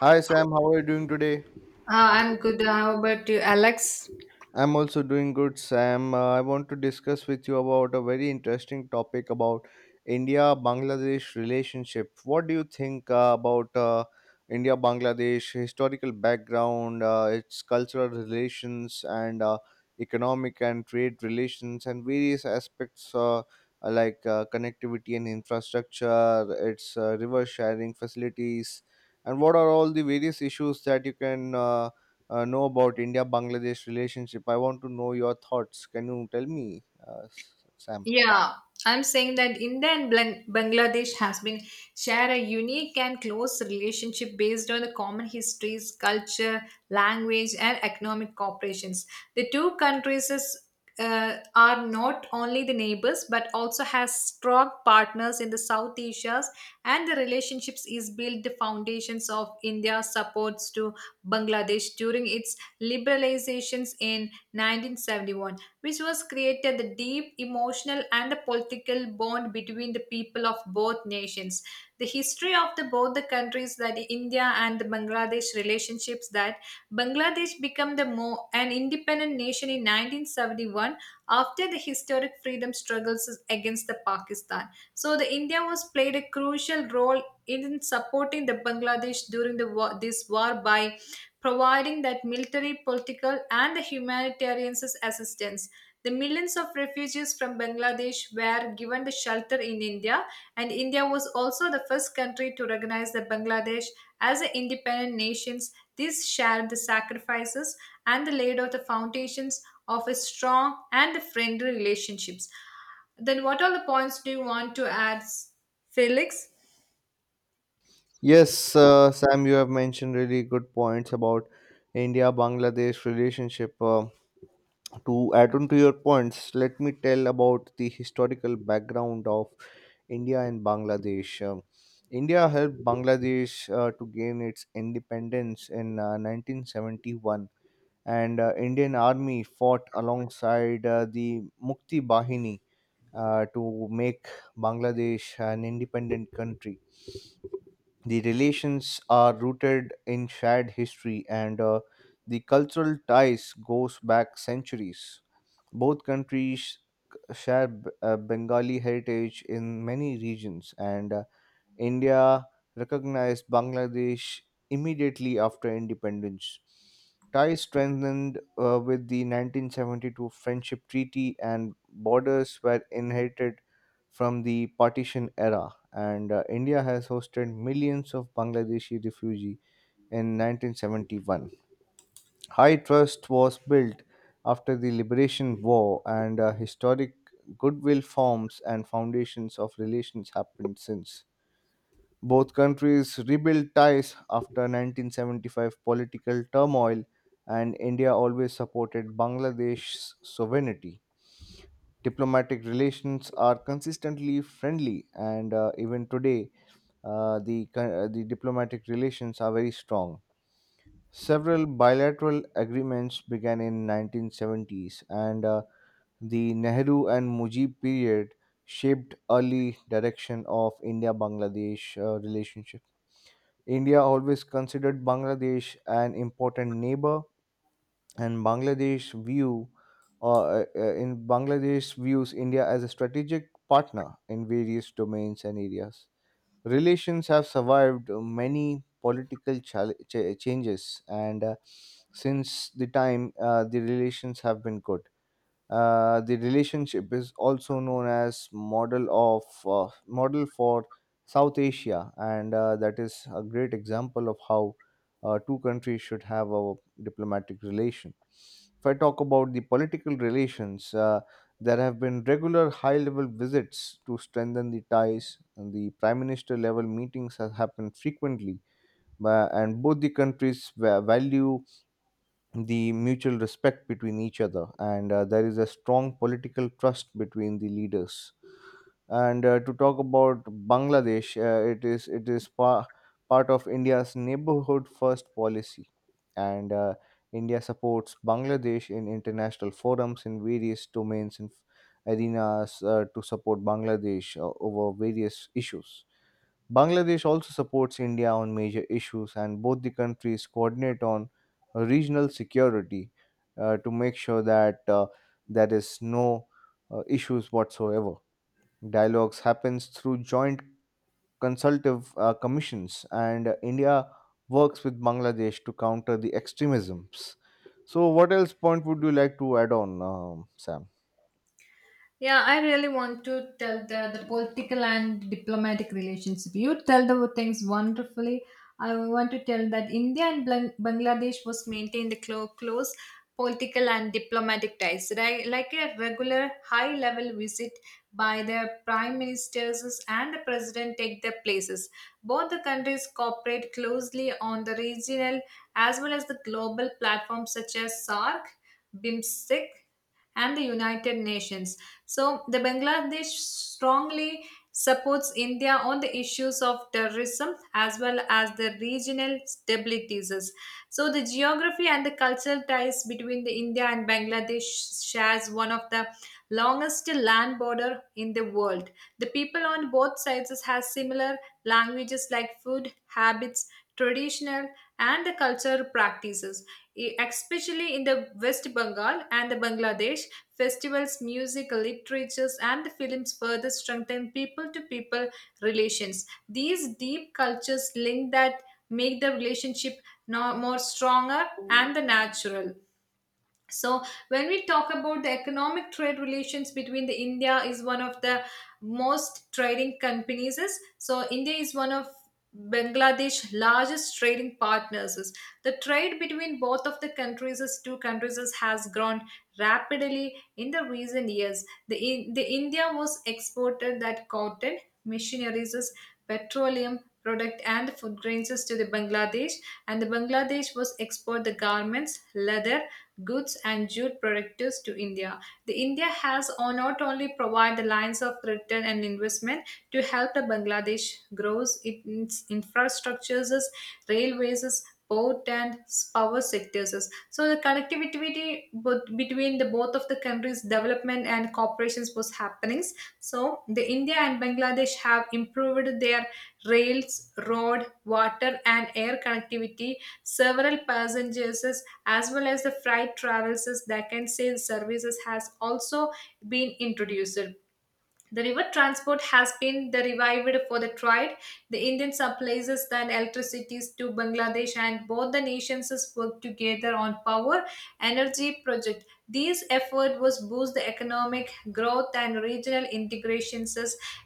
Hi Sam, how are you doing today? I'm good. How about you, Alex? I'm also doing good, Sam. I want to discuss with you about a very interesting topic about India-Bangladesh relationship. What do you think about India-Bangladesh historical background, its cultural relations, and economic and trade relations, and various aspects like connectivity and infrastructure, its river sharing facilities, and what are all the various issues that you can know about India Bangladesh relationship. I want to know your thoughts. Can you tell me, Sam? Yeah, I'm saying that India and Bangladesh has been share a unique and close relationship based on the common histories, culture, language, and economic cooperations. The two countries is, are not only the neighbors but also has strong partners in the South Asia's, and the relationships is built the foundations of India's supports to Bangladesh during its liberalizations in 1971, which was created the deep emotional and the political bond between the people of both nations. The history of the both the countries that India and the Bangladesh relationships that Bangladesh became the more an independent nation in 1971 after the historic freedom struggles against the Pakistan. So the India was played a crucial role in supporting the Bangladesh during the war, this war, by providing that military, political, and the humanitarian assistance. The millions of refugees from Bangladesh were given the shelter in India, and India was also the first country to recognize the Bangladesh as an independent nation. This shared the sacrifices and the laid out the foundations of a strong and friendly relationships. Then, what are the points do you want to add, Felix? Yes, Sam, you have mentioned really good points about India Bangladesh relationship. To add on to your points, let me tell about the historical background of India and Bangladesh. India helped Bangladesh to gain its independence in 1971, and Indian Army fought alongside the Mukti Bahini to make Bangladesh an independent country. The relations are rooted in shared history and the cultural ties goes back centuries. Both countries share Bengali heritage in many regions and India recognized Bangladesh immediately after independence. Ties strengthened with the 1972 Friendship Treaty, and borders were inherited from the partition era. And India has hosted millions of Bangladeshi refugees in 1971. High trust was built after the Liberation War, and historic goodwill forms and foundations of relations happened since. Both countries rebuilt ties after 1975 political turmoil, and India always supported Bangladesh's sovereignty. Diplomatic relations are consistently friendly, and even today, the diplomatic relations are very strong. Several bilateral agreements began in 1970s, and the Nehru and Mujib period shaped early direction of India-Bangladesh relationship. India always considered Bangladesh an important neighbor, and Bangladesh view in Bangladesh views India as a strategic partner in various domains and areas. Relations have survived many political changes, and since the time the relations have been good. The relationship is also known as model for South Asia, and that is a great example of how two countries should have a diplomatic relation. If I talk about the political relations, there have been regular high-level visits to strengthen the ties, and the prime minister-level meetings have happened frequently. And both the countries value the mutual respect between each other and there is a strong political trust between the leaders and to talk about Bangladesh, it is part of India's neighborhood first policy and India supports Bangladesh in international forums in various domains and arenas to support Bangladesh over various issues. Bangladesh also supports India on major issues, and both the countries coordinate on regional security to make sure that there is no issues whatsoever. Dialogues happens through joint consultative commissions, and India works with Bangladesh to counter the extremisms. So, what else point would you like to add on, Sam? Yeah, I really want to tell the political and diplomatic relationship. You tell the things wonderfully. I want to tell that India and Bangladesh was maintained the close political and diplomatic ties, right? Like a regular high level visit by the prime ministers and the president take their places. Both the countries cooperate closely on the regional as well as the global platforms such as SARC, BIMSTEC, and the United Nations. So, the Bangladesh strongly supports India on the issues of terrorism as well as the regional stabilities. So, the geography and the cultural ties between the India and Bangladesh shares one of the longest land border in the world. The people on both sides has similar languages like food, habits, traditional, and the cultural practices, especially in the West Bengal and the Bangladesh. Festivals, music, literatures, and the films further strengthen people to people relations. These deep cultures link that make the relationship more stronger and the natural. So when we talk about the economic trade relations between the India is one of the most trading companies is. So India is one of Bangladesh largest trading partners is. The trade between both of the countries is two countries is, has grown rapidly in the recent years. The India was exported that cotton machineries is, petroleum product, and food grains is to the Bangladesh, and the Bangladesh was export the garments, leather goods, and jute products to India. The India has not only provided the lines of return and investment to help the Bangladesh grows its infrastructures, railways, port, and power sectors. So the connectivity between the both of the countries' development and cooperations was happening. So the India and Bangladesh have improved their rails, road, water, and air connectivity. Several passengers as well as the freight travels that can say the services has also been introduced. The river transport has been the revived for the trade. The Indian supplies the electricities to Bangladesh, and both the nations work together on power energy project. These effort was boost the economic growth and regional integrations,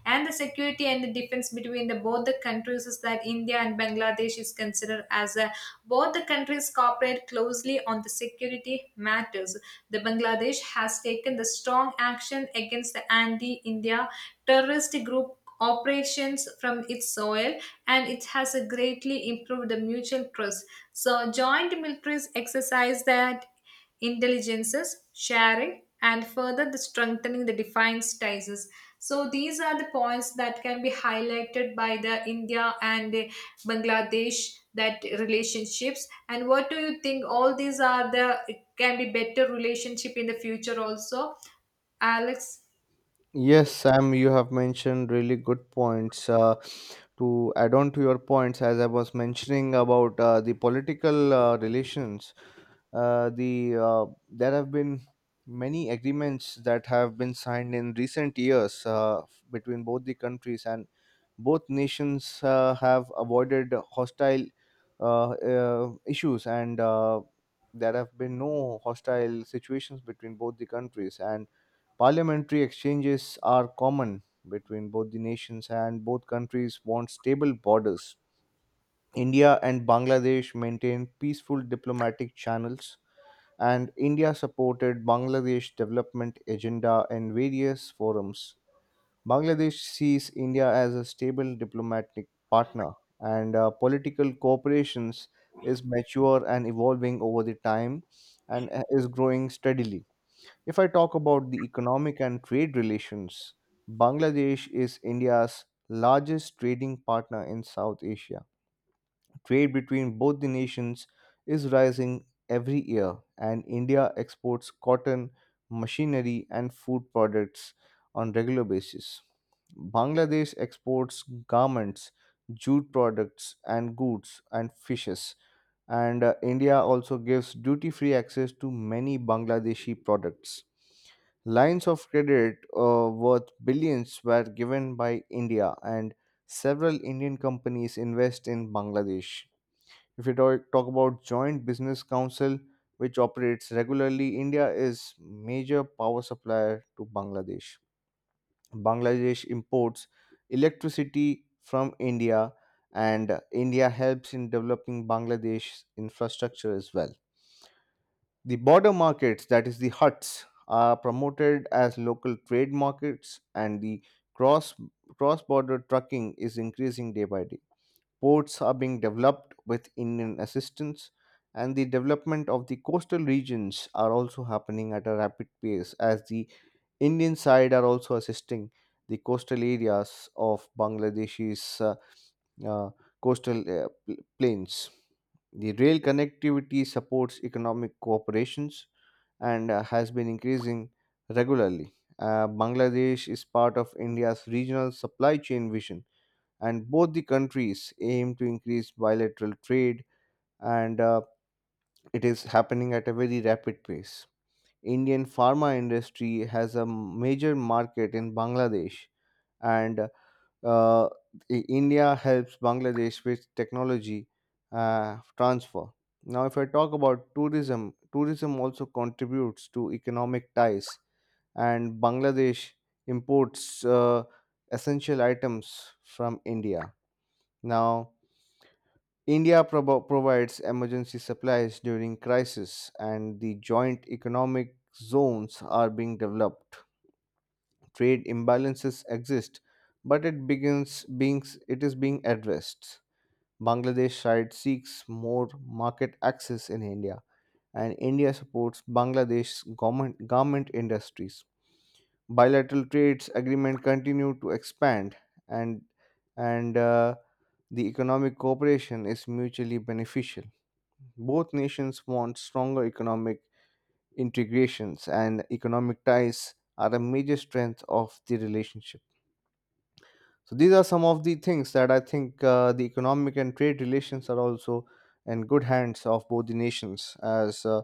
and the security and the defense between the both the countries is that India and Bangladesh is considered as a both the countries cooperate closely on the security matters. The Bangladesh has taken the strong action against the anti-India terrorist group operations from its soil, and it has greatly improved the mutual trust. So joint militaries exercise that intelligences, sharing, and further the strengthening the defiance ties. So these are the points that can be highlighted by the India and Bangladesh that relationships, and what do you think all these are the it can be better relationship in the future also, Alex? Yes, Sam, you have mentioned really good points. To add on to your points, as I was mentioning about the political relations, there have been many agreements that have been signed in recent years between both the countries, and both nations have avoided hostile issues, and there have been no hostile situations between both the countries, and Parliamentary exchanges are common between both the nations, and both countries want stable borders. India and Bangladesh maintain peaceful diplomatic channels, and India supported Bangladesh development agenda in various forums. Bangladesh sees India as a stable diplomatic partner, and political cooperations is mature and evolving over the time and is growing steadily. If I talk about the economic and trade relations, Bangladesh is India's largest trading partner in South Asia. Trade between both the nations is rising every year, and India exports cotton, machinery, and food products on regular basis. Bangladesh exports garments, jute products and goods and fishes, and India also gives duty free access to many Bangladeshi products. Lines of credit worth billions were given by India, and several Indian companies invest in Bangladesh. If you talk about Joint Business Council, which operates regularly, India is major power supplier to Bangladesh. Bangladesh imports electricity from India, and India helps in developing Bangladesh's infrastructure as well. The border markets, that is, the huts, are promoted as local trade markets, and the cross cross border trucking is increasing day by day. Ports are being developed with Indian assistance, and the development of the coastal regions are also happening at a rapid pace as the Indian side are also assisting the coastal areas of Bangladesh's uh, coastal plains. The rail connectivity supports economic cooperations and has been increasing regularly. Bangladesh is part of India's regional supply chain vision, and both the countries aim to increase bilateral trade, and it is happening at a very rapid pace. Indian pharma industry has a major market in Bangladesh, and uh, India helps Bangladesh with technology transfer. Now, if I talk about tourism, tourism also contributes to economic ties, and Bangladesh imports essential items from India. Now, India provides emergency supplies during crisis, and the joint economic zones are being developed. Trade imbalances exist, but it is being addressed. Bangladesh side seeks more market access in India, and India supports Bangladesh's government garment industries. Bilateral trades agreement continue to expand, and and the economic cooperation is mutually beneficial. Both nations want stronger economic integrations, and economic ties are a major strength of the relationship. So these are some of the things that I think the economic and trade relations are also in good hands of both the nations, as uh,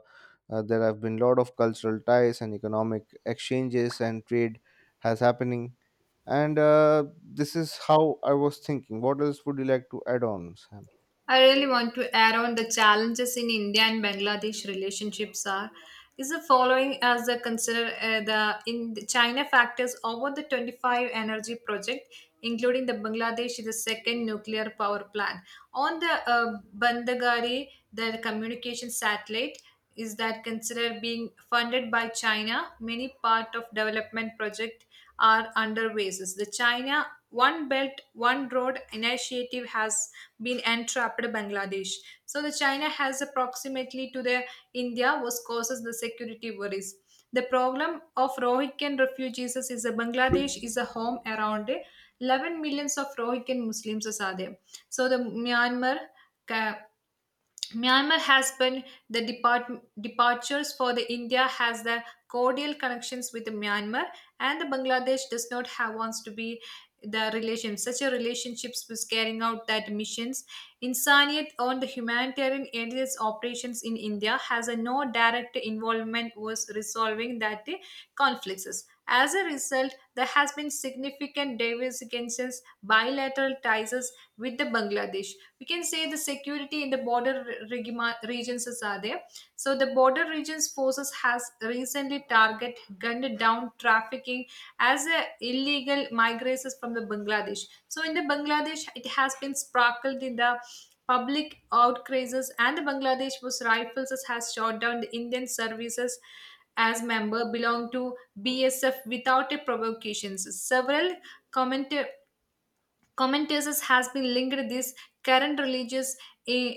uh, there have been a lot of cultural ties and economic exchanges and trade has happening. And this is how I was thinking. What else would you like to add on, Sam? I really want to add on the challenges in India and Bangladesh relationships are is the following as the consider the in the China factors over the 25 energy project, including the Bangladesh is the second nuclear power plant on the Bandagari the communication satellite is that considered being funded by China. Many part of development project are underways. The China one belt one road initiative has been entrapped Bangladesh. So the China has approximately to the India was causes the security worries. The problem of Rohingya refugees is a Bangladesh is a home around 11 millions of Rohingya Muslims are there. So the Myanmar has been the departures for the India has the cordial connections with Myanmar, and the Bangladesh does not have wants to be the relation such a relationships was carrying out that missions Insaniyat on the humanitarian and its operations in India has a no direct involvement was resolving that the conflicts. As a result, there has been significant diversifications bilateral ties with the Bangladesh. We can say the security in the border regions is are there. So the border regions forces has recently target gunned down trafficking as a illegal migrants from the Bangladesh. So in the Bangladesh it has been sparkled in the public outcrazes, and the Bangladesh was rifles has shot down the Indian services as member belong to BSF without a provocation. Several comment Commentators has been linked this current religious eh,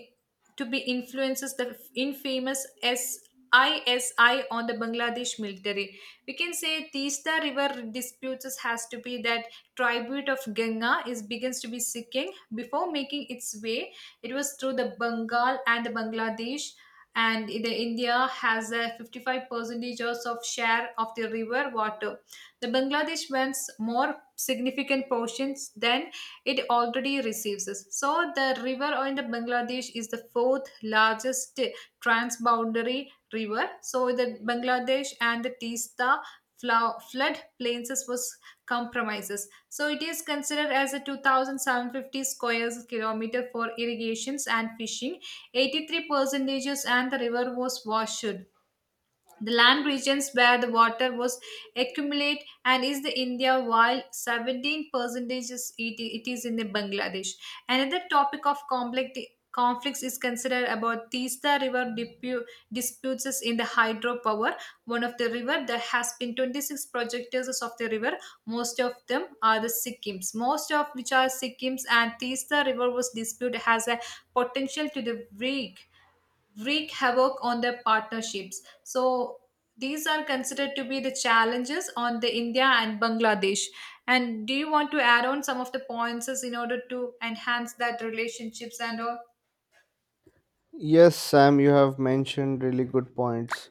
to be influences the infamous SISI on the Bangladesh military. We can say Teesta River disputes has to be that tribute of Ganga is begins to be seeking before making its way. It was through the Bengal and the Bangladesh, and the India has a 55 percentage of share of the river water. The Bangladesh wants more significant portions than it already receives. So, the river in the Bangladesh is the fourth largest transboundary river. So, the Bangladesh and the Tista flood plains was compromises. So, it is considered as a 2,750 square kilometer for irrigations and fishing. 83 percentages and the river was washed. The land regions where the water was accumulate and is the India, while 17% is it is in the Bangladesh. Another topic of conflicts is considered about Tista River disputes is in the hydropower. One of the river there has been 26 projectors of the river. Most of them are the Sikkims. Most of which are Sikkims, and Tista River was dispute has a potential to the break wreak havoc on their partnerships. So these are considered to be the challenges on the India and Bangladesh. And do you want to add on some of the points in order to enhance that relationships and all? Yes, Sam, you have mentioned really good points.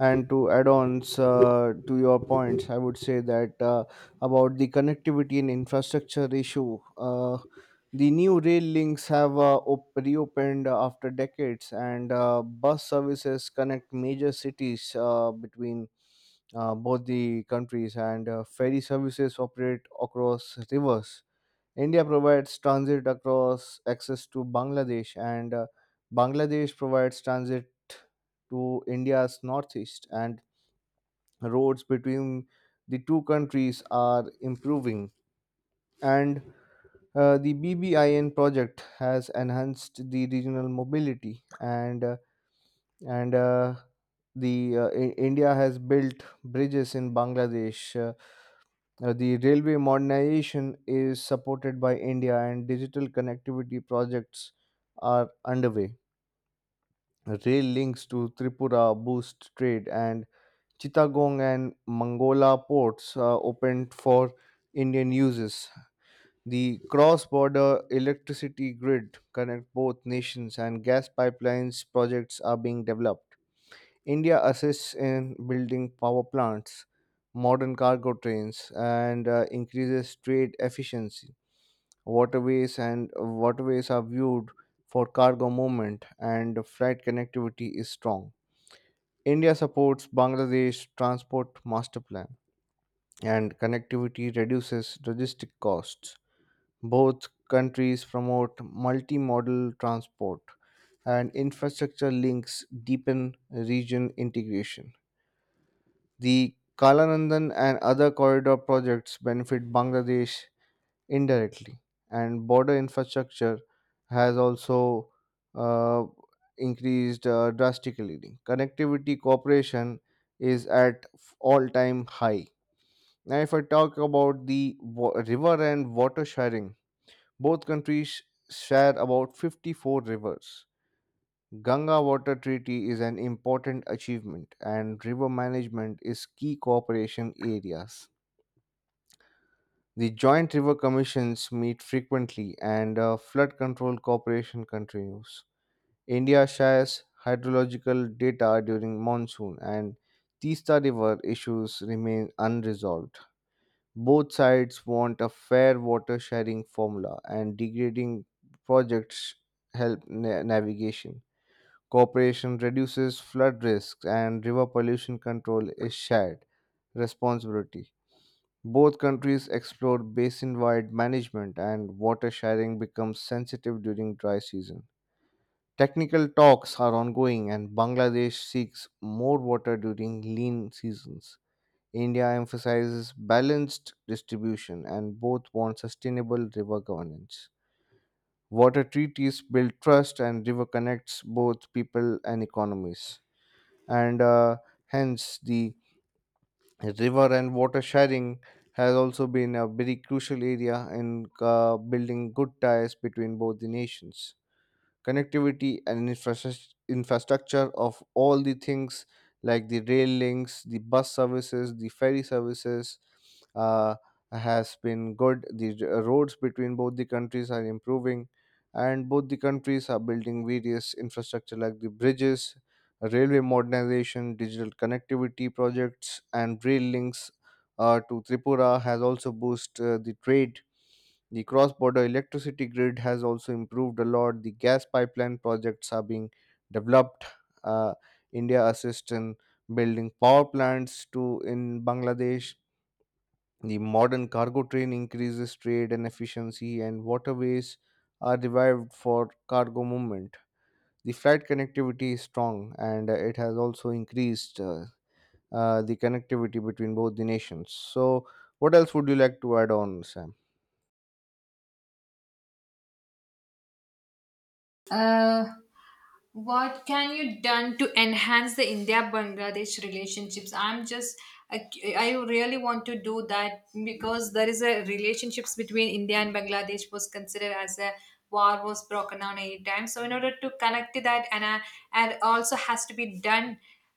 And to add-ons to your points I would say that about the connectivity and infrastructure issue, the new rail links have reopened after decades and bus services connect major cities between both the countries and ferry services operate across rivers. India provides transit across access to Bangladesh, and Bangladesh provides transit to India's northeast. And roads between the two countries are improving. And the BBIN project has enhanced the regional mobility, and India has built bridges in Bangladesh. The railway modernization is supported by India, and digital connectivity projects are underway. Rail links to Tripura boost trade, and Chittagong and Mangola ports are opened for Indian uses. The cross border electricity grid connect both nations, and gas pipelines projects are being developed. India assists in building power plants, modern cargo trains, and increases trade efficiency. Waterways are viewed for cargo movement, and freight connectivity is strong. India supports Bangladesh transport master plan, and connectivity reduces logistic costs. Both countries promote multimodal transport, and infrastructure links deepen region integration. The Kalanandan and other corridor projects benefit Bangladesh indirectly, and border infrastructure has also uh, increased drastically. Connectivity cooperation is at all-time high. Now, if I talk about the river and water sharing, both countries share about 54 rivers. Ganga Water Treaty is an important achievement, and river management is key cooperation areas. The joint river commissions meet frequently, and flood control cooperation continues. India shares hydrological data during monsoon, and Tista River issues remain unresolved. Both sides want a fair water sharing formula, and degrading projects help navigation. Cooperation reduces flood risks and river pollution control is shared responsibility. Both countries explore basin wide management and water sharing becomes sensitive during dry season. Technical talks are ongoing and Bangladesh seeks more water during lean seasons. India emphasizes balanced distribution and both want sustainable river governance. Water treaties build trust and river connects both people and economies and hence the river and water sharing has also been a very crucial area in building good ties between both the nations. Connectivity and infrastructure of all the things like the rail links, the bus services, the ferry services uh, has been good. The roads between both the countries are improving, and both the countries are building various infrastructure like the bridges, railway modernization, digital connectivity projects, and rail links to Tripura has also boosted the trade. The cross border electricity grid has also improved a lot. The gas pipeline projects are being developed. Uh, India assists in building power plants to in Bangladesh. The modern cargo train increases trade and efficiency, and waterways are revived for cargo movement. The flight connectivity is strong, and it has also increased the connectivity between both the nations. So, what else would you like to add on, Sam? Uh, What can you done to enhance the India-Bangladesh relationships? I'm just, I, I really want to do that because there is a relationships between India and Bangladesh was considered as a war was broken down anytime. So in order to connect to that, and also has to be done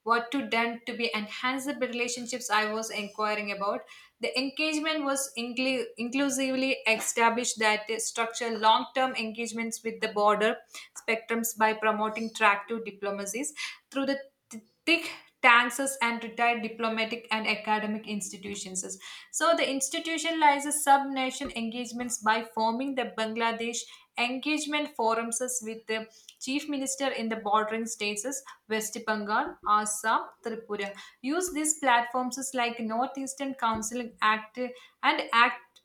what to done to be enhance the relationships I was inquiring about. The engagement was inclusively established that they structure long-term engagements with the border spectrums by promoting tractive diplomacies through the thick taxes and retired diplomatic and academic institutions. So the institutionalizes sub-nation engagements by forming the Bangladesh engagement forums with the Chief Minister in the bordering states is West Bengal, Assam, Tripura. Use these platforms is like Northeastern Council Act and Act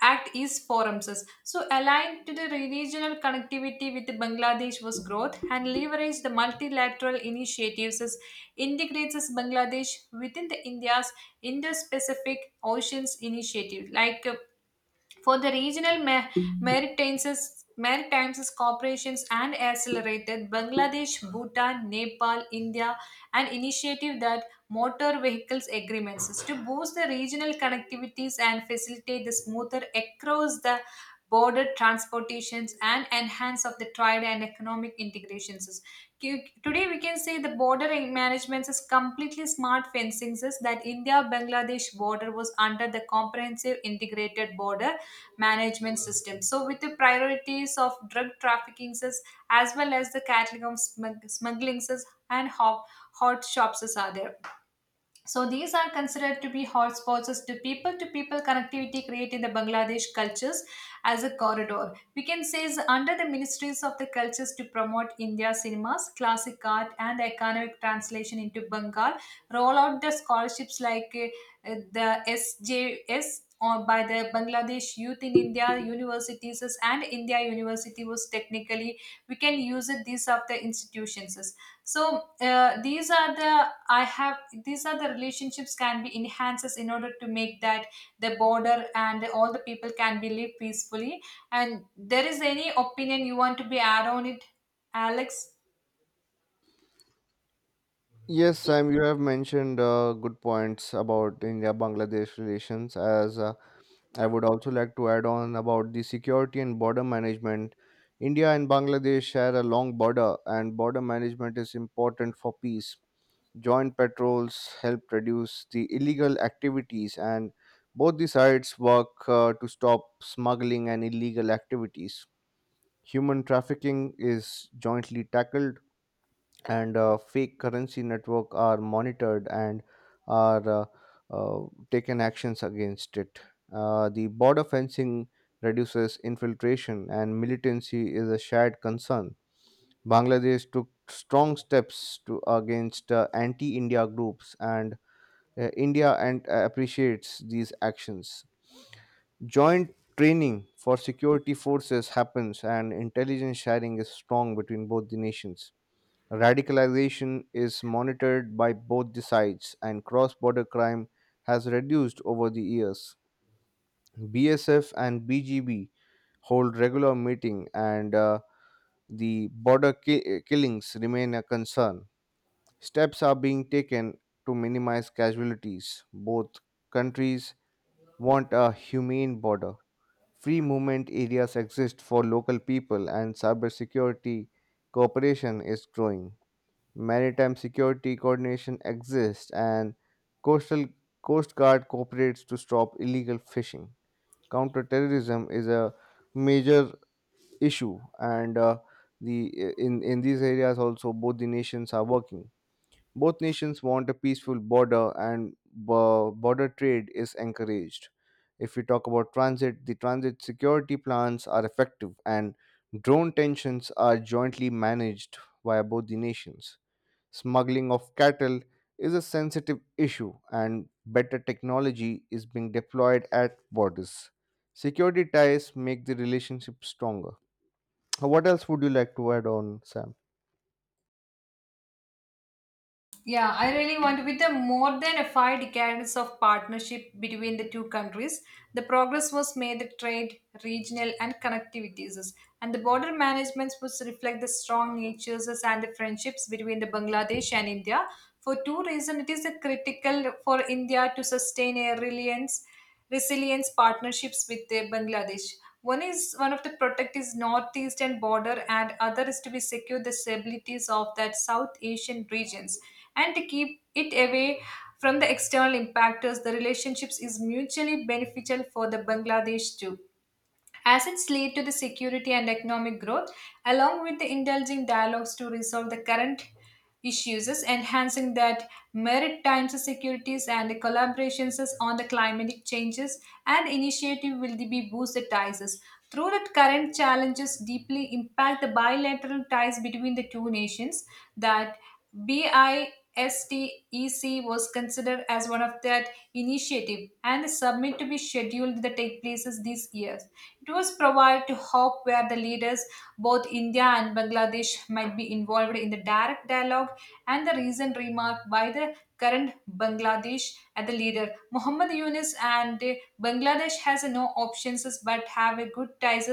Act East forums. So align to the regional connectivity with Bangladesh was growth and leverage the multilateral initiatives is integrates is Bangladesh within the India's Indo-Pacific Oceans Initiative like for the regional maritime maritime corporations, and accelerated Bangladesh, Bhutan, Nepal, India, an initiative that motor vehicles agreements is to boost the regional connectivities and facilitate the smoother across the border transportations and enhance of the trade and economic integrations. Today we can say the border management is completely smart fencing is that India-Bangladesh border was under the comprehensive integrated border management system. So, with the priorities of drug trafficking as well as the cattle of smuggling as and hot shops as are there. So these are considered to be hotspots as to people-to-people connectivity created in the Bangladesh cultures as a corridor. We can say is under the ministries of the cultures to promote India cinemas, classic art, and economic translation into Bengal. Roll out the scholarships like the SJS or by the Bangladesh Youth in India universities and India University was technically we can use it these are the institutions. So these are the relationships can be enhances in order to make that the border and all the people can be live peacefully. And there is any opinion you want to be add on it, Alex? Yes, Sam, you have mentioned good points about India-Bangladesh relations. As I would also like to add on about the security and border management. India and Bangladesh share a long border, and border management is important for peace. Joint patrols help reduce the illegal activities, and both the sides work to stop smuggling and illegal activities. Human trafficking is jointly tackled and fake currency network are monitored and are taken actions against it. The border fencing reduces infiltration and militancy is a shared concern. Bangladesh took strong steps to against anti-India groups and India and appreciates these actions. Joint training for security forces happens and intelligence sharing is strong between both the nations. Radicalization is monitored by both the sides, and cross border crime has reduced over the years. BSF and BGB hold regular meeting, and the border killings remain a concern. Steps are being taken to minimize casualties. Both countries want a humane border. Free movement areas exist for local people, and cybersecurity cooperation is growing. Maritime security coordination exists, and coastal coast guard cooperates to stop illegal fishing. Counterterrorism is a major issue, and the in these areas also both the nations are working. Both nations want a peaceful border, and border trade is encouraged. If we talk about transit, the transit security plans are effective, and drone tensions are jointly managed by both the nations. Smuggling of cattle is a sensitive issue, and better technology is being deployed at borders. Security ties make the relationship stronger. What else would you like to add on, Sam? Yeah, I really want to. With the more than a 5 decades of partnership between the two countries, the progress was made the trade, regional, and connectivities, and the border management was reflect the strong natures and the friendships between the Bangladesh and India. For two reasons, it is a critical for India to sustain a reliance resilience partnerships with Bangladesh. One is one of the protect is northeastern border, and other is to be secure the stabilities of that South Asian regions and to keep it away from the external impactors. The relationships is mutually beneficial for the Bangladesh too. Assets lead to the security and economic growth, along with the indulging dialogues to resolve the current issues, enhancing that maritime securities and the collaborations on the climatic changes and initiative will be boosted ties. Through the current challenges deeply impact the bilateral ties between the two nations that BISTEC was considered as one of that initiative and the summit to be scheduled that take places this year. Tours provide to hope where the leaders, both India and Bangladesh, might be involved in the direct dialogue and the recent remark by the current Bangladesh at the leader Muhammad Yunus and Bangladesh has no options but have a good ties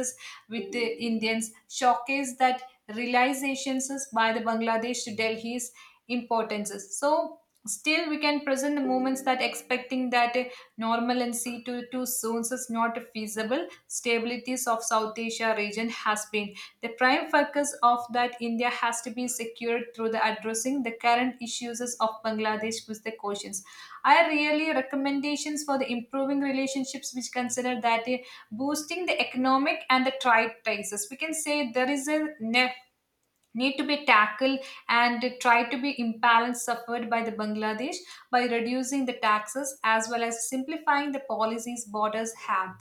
with the Indians showcase that realizations by the Bangladesh to Delhi's importances. So still we can present the moments that expecting that a normalcy to too soon is not feasible. Stabilities of South Asia region has been society. The prime focus of that India has to be secured through the addressing the current issues of Bangladesh with the questions. I really recommendations for the improving relationships which consider that boosting the economic and the trade ties. We can say there is a need to be tackled and try to be imbalance suffered by the bangladesh by reducing the taxes as well as simplifying the policies borders have,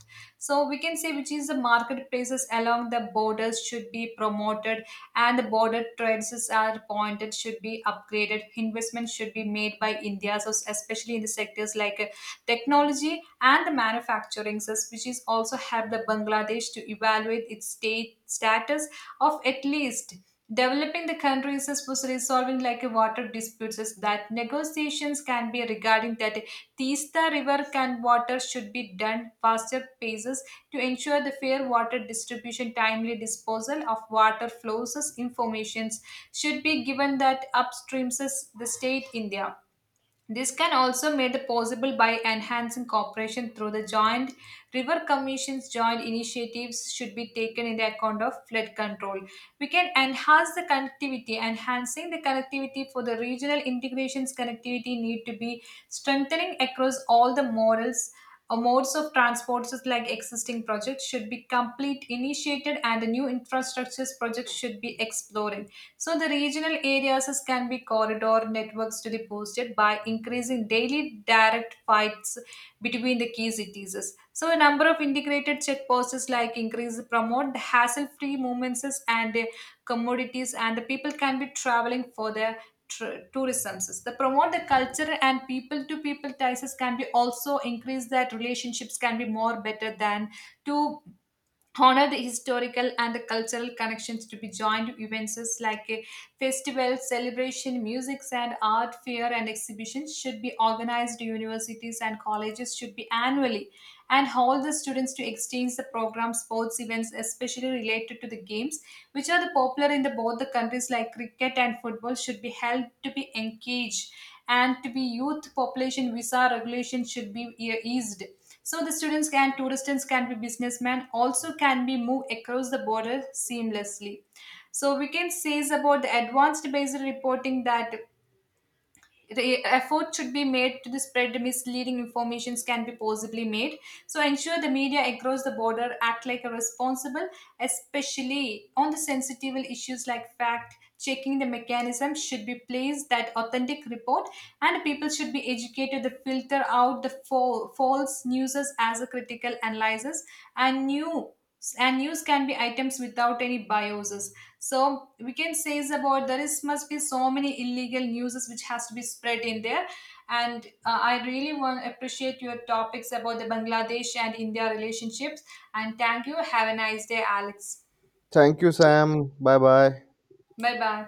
so we can say which is the marketplaces along the borders should be promoted and the border trades are pointed should be upgraded. Investment should be made by india, so especially in the sectors like technology and the manufacturing service, which is also helped the Bangladesh to evaluate its state status of at least developing the countries as was resolving like a water disputes is that negotiations can be regarding that Tista river can water should be done faster paces to ensure the fair water distribution, timely disposal of water flows as informations should be given that upstreams as the state India. This can also made it possible by enhancing cooperation through the joint river commissions. Joint initiatives should be taken in the account of flood control. We can enhance the connectivity. Enhancing the connectivity for the regional integrations, connectivity need to be strengthening across all the models, a modes of transports like existing projects should be complete initiated and the new infrastructures projects should be explored. So the regional areas can be corridor networks to be boosted by increasing daily direct flights between the key cities. So a number of integrated checkposts is like increase, promote the hassle-free movements is, and commodities and the people can be traveling further tourism. The promote the culture and people to people ties can be also increase that relationships can be more better than to honor the historical and the cultural connections to be joined to events like a festival celebration, music and art fair and exhibitions should be organized, universities and colleges should be annually and hold the students to exchange the program, sports events especially related to the games which are the popular in the both the countries like cricket and football should be held to be engaged and to be youth population, visa regulation should be eased so the students can, tourists can be, businessmen, also can be moved across the border seamlessly. So we can say is about the advanced based reporting that effort should be made to the spread misleading informations can be possibly made, so ensure the media across the border act like a responsible, especially on the sensitive issues like fact checking, the mechanism should be placed that authentic report and people should be educated to filter out the false news as a critical analysis, and new and news can be items without any biases, so we can say is about there is must be so many illegal newses which has to be spread in there. And I really want appreciate your topics about the bangladesh and india relationships, and thank you, have a nice day, Alex. Thank you, Sam. Bye bye. Bye bye.